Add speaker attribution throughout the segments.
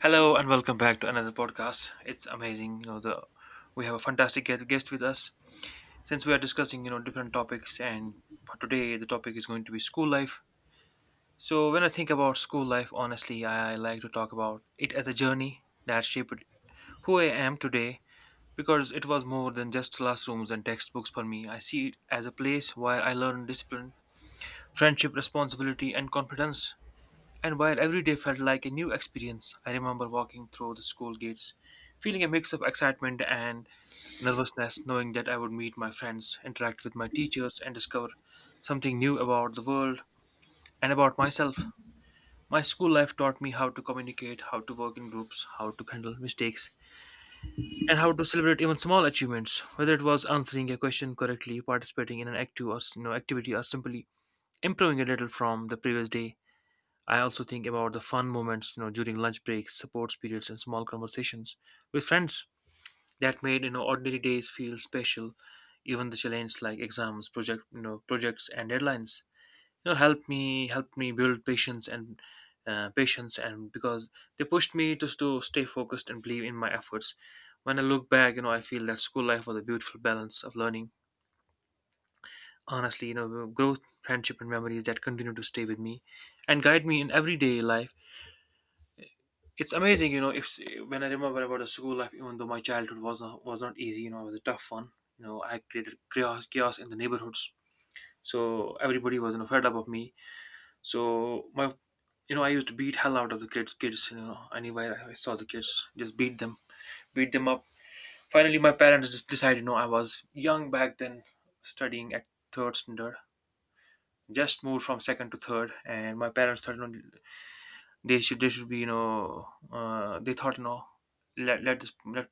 Speaker 1: Hello and welcome back to another podcast. It's amazing, you know, the we have a fantastic guest with us. Since we are discussing, different topics, and for today the topic is going to be school life. So when I think about school life, honestly, I like to talk about it as a journey that shaped who I am today, because it was more than just classrooms and textbooks for me. I see it as a place where I learned discipline, friendship, responsibility and confidence, and while every day felt like a new experience, I remember walking through the school gates, feeling a mix of excitement and nervousness, knowing that I would meet my friends, interact with my teachers, and discover something new about the world and about myself. My school life taught me how to communicate, how to work in groups, how to handle mistakes, and how to celebrate even small achievements, whether it was answering a question correctly, participating in an active or you know, activity, or simply improving a little from the previous day. I also think about the fun moments, during lunch breaks, sports periods, and small conversations with friends that made ordinary days feel special. Even the challenges like exams, projects and deadlines, help me build patience and because they pushed me to stay focused and believe in my efforts. When I look back, I feel that school life was a beautiful balance of learning. Honestly, growth, friendship, and memories that continue to stay with me and guide me in everyday life. It's amazing. If when I remember about a school life, even though my childhood was not easy, it was a tough one. I created chaos, chaos in the neighborhoods, so everybody was, fed up of me. So I used to beat hell out of the kids. Kids, anywhere I saw the kids, just beat them up. Finally, my parents just decided, I was young back then, studying at third standard. Just moved from second to third, and my parents started, they should be, they thought, let let this let,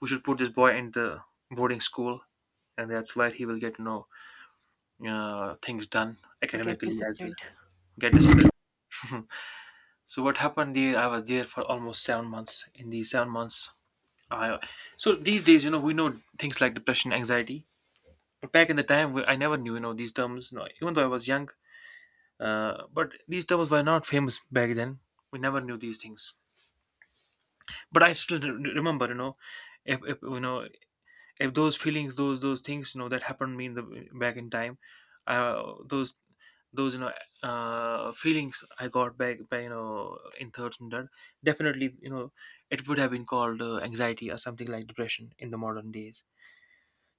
Speaker 1: we should put this boy in the boarding school, and that's where he will get, things done
Speaker 2: Get
Speaker 1: academically as well,
Speaker 2: disciplined.
Speaker 1: get disciplined. So what happened there, I was there for almost 7 months. In these 7 months, I so these days, we know things like depression, anxiety, but back in the time, I never knew, these terms, even though I was young, but these terms were not famous back then. We never knew these things, but I still remember, if you know if those feelings, those things, that happened to me in the back in time. Uh, those those you know uh, feelings I got back by, in third standard, definitely, it would have been called, anxiety or something like depression in the modern days.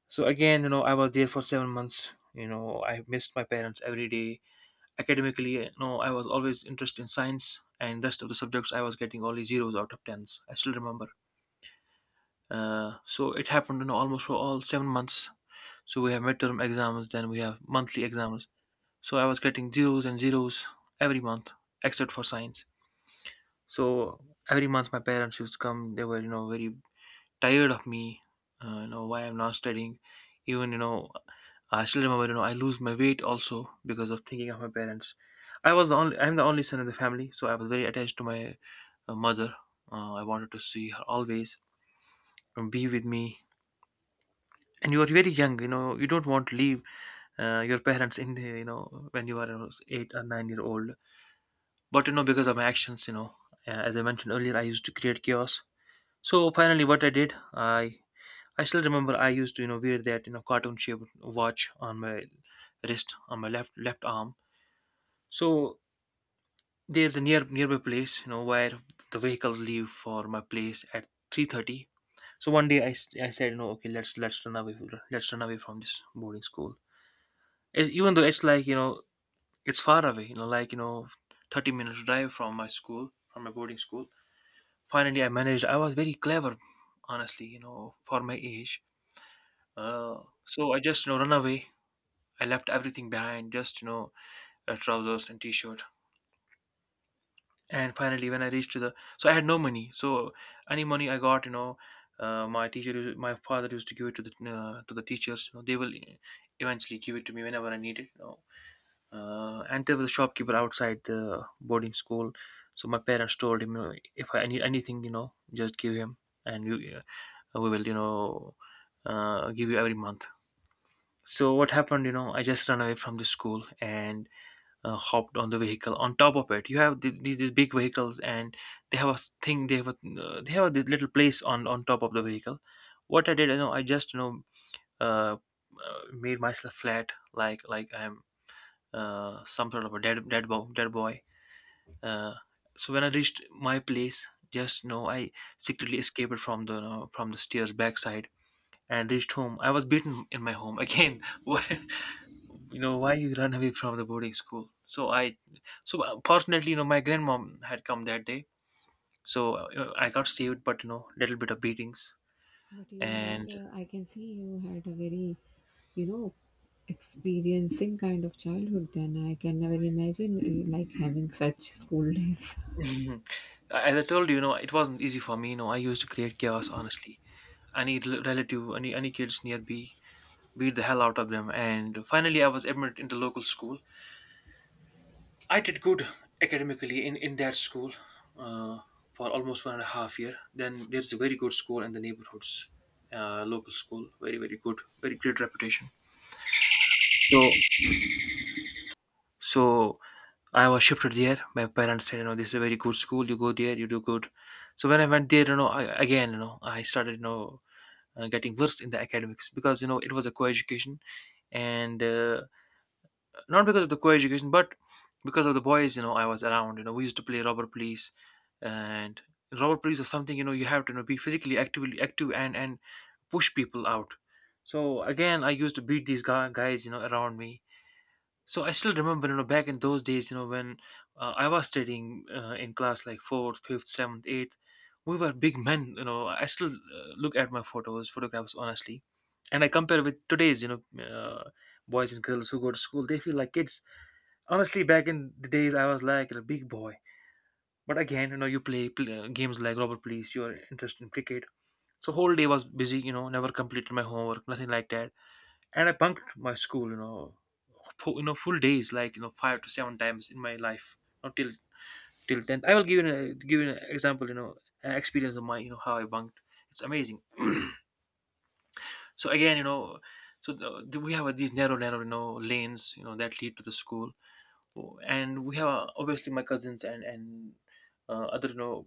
Speaker 1: So again, I was there for 7 months. I missed my parents every day. Academically, I was always interested in science and rest of the subjects. I was getting only zeros out of tens. I still remember, so it happened in almost for all 7 months. So we have midterm exams, then we have monthly exams. So I was getting zeros and zeros every month, except for science. So every month my parents used to come. They were, very tired of me. You know why I'm not studying. Even, I still remember, I lose my weight also because of thinking of my parents. I'm the only son of the family, so I was very attached to my, mother. I wanted to see her always and be with me, and you are very young, you don't want to leave, your parents in the, when you are, 8 or 9 year old, but, because of my actions, as I mentioned earlier, I used to create chaos. So finally what I did, I still remember, I used to, wear that, cartoon shaped watch on my wrist, on my left arm. So there's a nearby place, where the vehicles leave for my place at 3:30. So one day, I said, okay, let's run away. Let's run away from this boarding school. Even though it's, like, it's far away, 30 minutes drive from my school, from my boarding school. Finally, I managed. I was very clever, honestly, for my age. Uh, so I just, run away. I left everything behind, just, trousers and t-shirt. And finally, when I reached, so I had no money. So any money I got, my father used to give it to the, teachers. They will, eventually give it to me whenever I need it. And there was a shopkeeper outside the boarding school, so my parents told him, if I need anything, just give him, and we will, give you every month. So what happened, I just ran away from the school, and hopped on the vehicle. On top of it, you have these big vehicles, and they have a thing, they have this little place on top of the vehicle. What I did, I just, uh, made myself flat, like I'm some sort of a dead boy. Uh, so when I reached my place, just know, I secretly escaped from the stairs backside and reached home. I was beaten in my home again. Why, you run away from the boarding school? So I, fortunately, my grandmom had come that day, so, I got saved, but, little bit of beatings
Speaker 2: But you had,
Speaker 1: and.
Speaker 2: a, I can see you had a very, you know, experiencing kind of childhood then. I can never imagine like having such school days.
Speaker 1: As I told you, it wasn't easy for me. I used to create chaos. Honestly, any relative, any kids near me, beat the hell out of them. And finally, I was admitted into local school. I did good academically in that school, uh, for almost one and a half year. Then there's a very good school in the neighborhoods, local school, very, very good, very great reputation. So, so I was shifted there. My parents said, this is a very good school. You go there, you do good. So when I went there, I started, getting worse in the academics, because, it was a co-education, and not because of the co-education, but because of the boys, I was around, we used to play robber police. And robber police is something, you have to, be physically, active, and push people out. So again, I used to beat these guys, around me. So I still remember, back in those days, when, I was studying, in class, like fourth, fifth, seventh, eighth, we were big men. I still, look at my photos photographs, honestly, and I compare with today's, boys and girls who go to school, they feel like kids. Honestly, back in the days, I was like a big boy. But again, you play games like robert police, you're interested in cricket, so whole day was busy, never completed my homework, nothing like that. And I bunked my school, full days like, five to seven times in my life. Not till 10, I will give you an example, an experience of my, how I bunked. It's amazing. So again, so we have, these narrow you know lanes, that lead to the school. And we have, obviously, my cousins and other,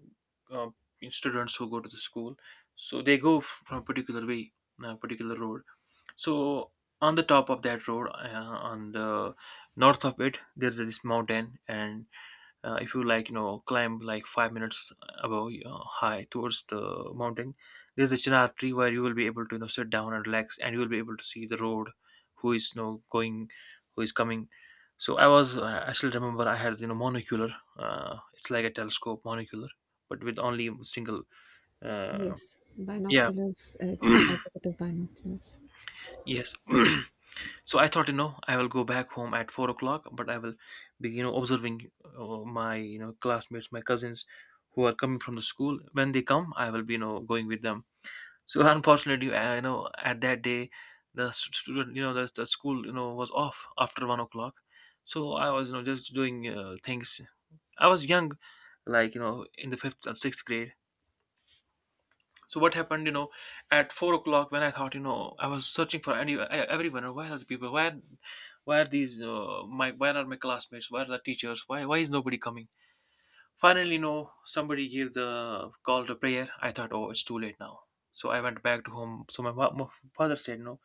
Speaker 1: uh, students who go to the school. So they go from a particular road. So on the top of that road, on the north of it, there's this mountain, and if You like climb like 5 minutes above high towards the mountain. There's a chinar tree where you will be able to sit down and relax, and you will be able to see the road, who is going, who is coming. So I was I still remember I had monocular. It's like a telescope monocular, but with only single uh,
Speaker 2: Yes,
Speaker 1: yeah.
Speaker 2: binoculars, it's opposite of binoculars.
Speaker 1: Yes. So I thought, you know, I will go back home at 4 o'clock, but I will be, you know, observing my, you know, classmates, my cousins who are coming from the school. When they come, I will be, you know, going with them. So unfortunately, I you know at that day, student, you know, the school, you know, was off after 1 o'clock. So I was, you know, just doing things. I was young, like you know, in the fifth or sixth grade. So what happened, you know, at 4 o'clock when I thought, you know, I was searching for any everyone. Where are the people? Why are these my? Where are my classmates? Where are the teachers? Why is nobody coming? Finally, you know, somebody gave the call to prayer. I thought, oh, it's too late now. So I went back to home. So my father said, no,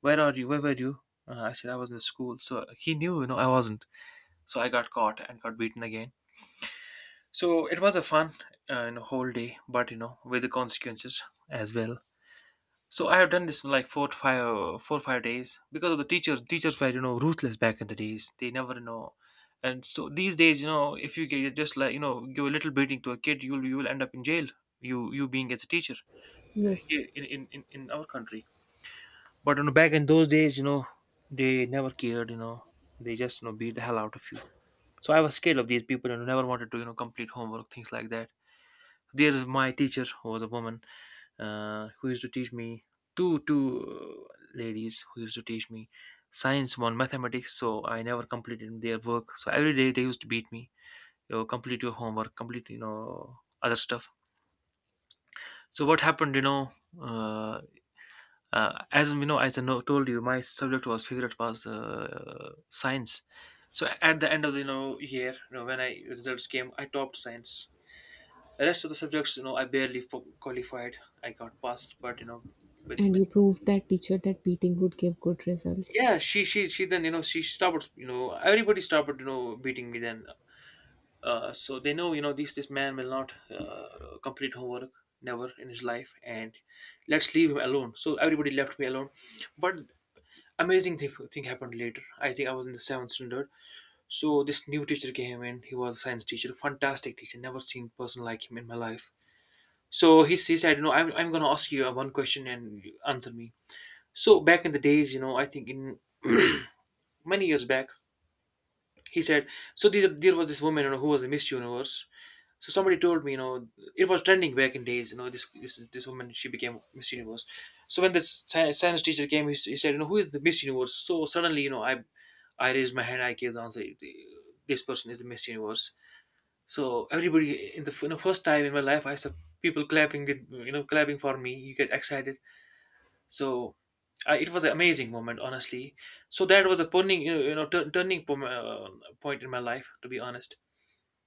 Speaker 1: where are you? Where were you? I said I was in the school. So he knew, you know, I wasn't. So I got caught and got beaten again. So it was a fun, you know, whole day, but you know, with the consequences as well. So I have done this for like 4 or 5 days because of the teachers. Teachers were you know ruthless back in the days. They never know, and so these days you know if you get just like you know give a little beating to a kid, you will end up in jail. You being as a teacher
Speaker 2: Yes.
Speaker 1: here in in our country. But you know back in those days you know they never cared. You know they just you know beat the hell out of you. So I was scared of these people and never wanted to you know complete homework, things like that. There's my teacher who was a woman, who used to teach me two ladies who used to teach me science, one mathematics. So I never completed their work, so every day they used to beat me. You know, complete your homework, complete you know other stuff. So what happened, you know, uh, as you know, told you my subject was favorite was science. So at the end of the you know year, you know when I results came, I topped science. The rest of the subjects, you know, I qualified. I got passed, but you know, with
Speaker 2: And you
Speaker 1: many.
Speaker 2: proved that teacher that beating would give good results.
Speaker 1: Yeah, she she then you know she started you know everybody started you know beating me then. So they know you know this man will not complete homework never in his life, and let's leave him alone. So everybody left me alone, but amazing thing happened later. I think I was in the seventh standard. So this new teacher came in. He was a science teacher, fantastic teacher. Never seen person like him in my life. So he said, you know, I'm going to ask you one question and you answer me. So back in the days, you know, I think in many years back, he said, so there was this woman, you know, who was a Miss Universe. So somebody told me, you know, it was trending back in days, you know, this woman, she became Miss Universe. So when the science teacher came, he said, you know, who is the Miss Universe? So suddenly, you know, I raised my hand, I gave the answer, "The- this person is the Miss Universe." So everybody, in the first time in my life, I saw people clapping, with, you know, clapping for me. You get excited. So it was an amazing moment, honestly. So that was a turning, turning point in my life. To be honest,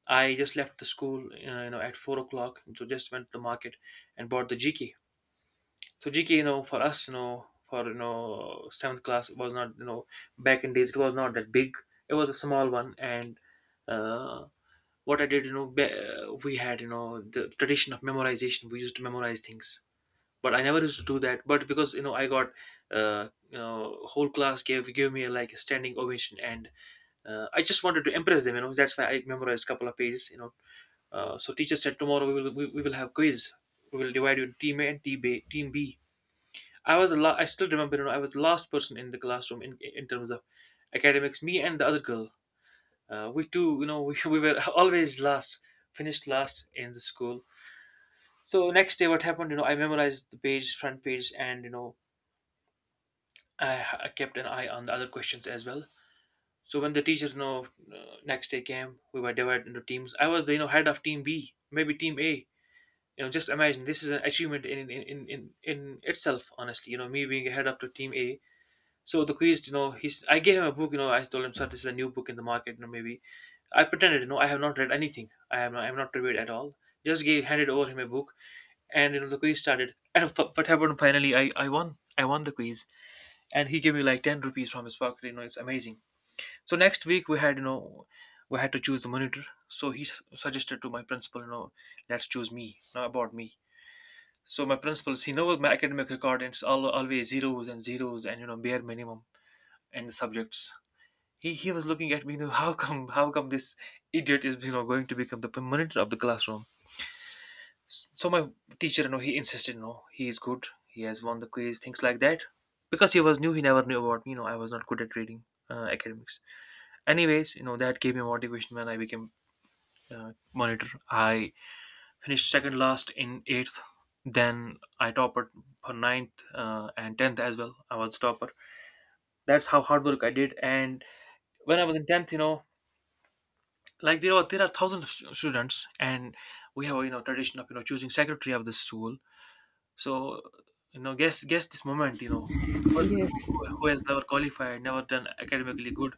Speaker 1: I just left the school, at 4 o'clock. So just went to the market and bought the GK. So GK, you know, for us, you know, for you know, seventh class it was not, you know, back in days it was not that big. It was a small one, and uh, what I did, you know, we had, you know, the tradition of memorization. We used to memorize things, but I never used to do that. But because you know, I got you know, whole class gave me like a standing ovation, and I just wanted to impress them. You know, that's why I memorized a couple of pages. You know, so teacher said tomorrow we will we will have quiz. We will divide you into team A and team B. Team B. I was I still remember. You know, I was the last person in the classroom in terms of academics. Me and the other girl. We two, you know, we, we were always last, finished last in the school. So next day, what happened? You know, I memorized the page, front page, and you know, I kept an eye on the other questions as well. So when the teachers, you know, next day came, we were divided into teams. I was, the, you know, head of team B, maybe team A. You know, just imagine this is an achievement in itself. Honestly, you know, me being a head up to team A. So the quiz, you know, he's. I gave him a book. You know, I told him, sir, this is a new book in the market. You know, maybe I pretended, you know, I have not read anything. I am not read at all. Just gave handed over him a book, and you know, the quiz started. And what happened finally? I won. I won the quiz, and he gave me like 10 rupees from his pocket. You know, it's amazing. So next week we had you know we had to choose the monitor. So suggested to my principal, you know, let's choose me, not about me. So my principal, he knows my academic record, and it's always zeros and zeros and you know bare minimum and the subjects. He was looking at me, you know, how come this idiot is you know going to become the monitor of the classroom. So my teacher, you know, he insisted, you know, he is good. He has won the quiz, things like that. Because he was new, he never knew about me. You know, I was not good at reading academics. Anyways, you know, that gave me motivation when I became monitor. I finished second last in eighth. Then I topper for ninth and tenth as well. I was topper. That's how hard work I did. And when I was in tenth, you know, like there are thousands of students, and we have you know tradition of you know choosing secretary of the school. So, you know, guess this moment, you know, the person who,
Speaker 2: Yes.
Speaker 1: who has never qualified, never done academically good.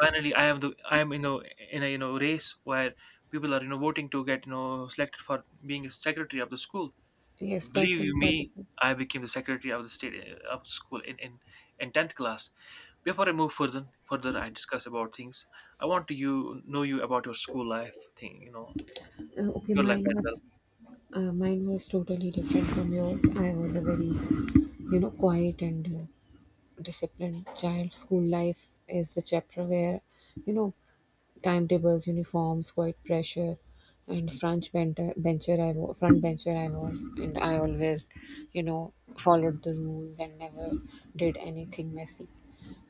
Speaker 1: Finally, I am you know in a you know race where people are you know voting to get you know selected for being a secretary of the school.
Speaker 2: Yes, that's
Speaker 1: Believe you me,
Speaker 2: incredible.
Speaker 1: I became the secretary of the state of school in tenth class. Before I move further, I discuss about things. I want to you know you about your school life thing, you know,
Speaker 2: Okay,
Speaker 1: your life as well.
Speaker 2: mine was totally different from yours. I was a very, quiet and disciplined child. School life is the chapter where you know timetables, uniforms, quiet pressure, and front bencher I was. Front bencher I was, and I always followed the rules and never did anything messy.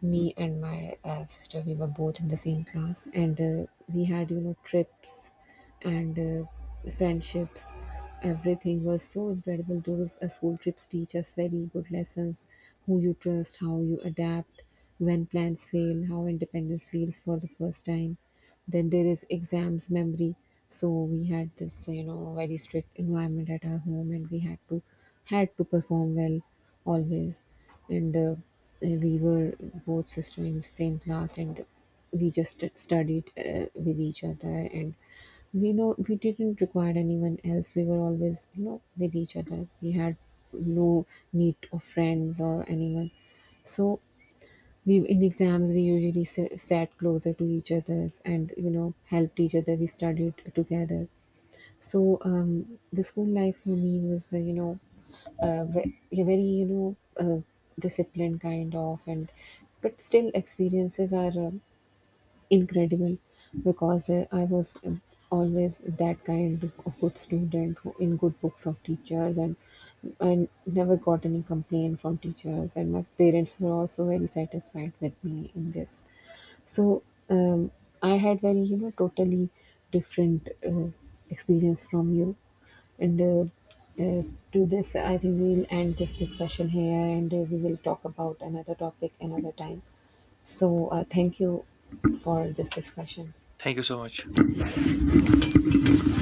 Speaker 2: Me and my sister, we were both in the same class, and we had trips and friendships. Everything was so incredible. Those school trips teach us very good lessons: who you trust, how you adapt, when plans fail, how independence feels for the first time. Then there is exams memory. So we had this, very strict environment at our home, and we had to perform well always. And we were both sisters in the same class, and we just studied with each other, and we know we didn't require anyone else. We were always, with each other. We had no need of friends or anyone. So we, in exams, we usually sat closer to each other's and, helped each other, we studied together. So the school life for me was, a very, disciplined kind of. And but still experiences are incredible, because I was, always that kind of good student who in good books of teachers, and I never got any complaint from teachers, and my parents were also very satisfied with me in this. So, um, I had very, totally different experience from you. And uh, to this, I think we'll end this discussion here, and we will talk about another topic another time. So thank you for this discussion.
Speaker 1: Thank you so much.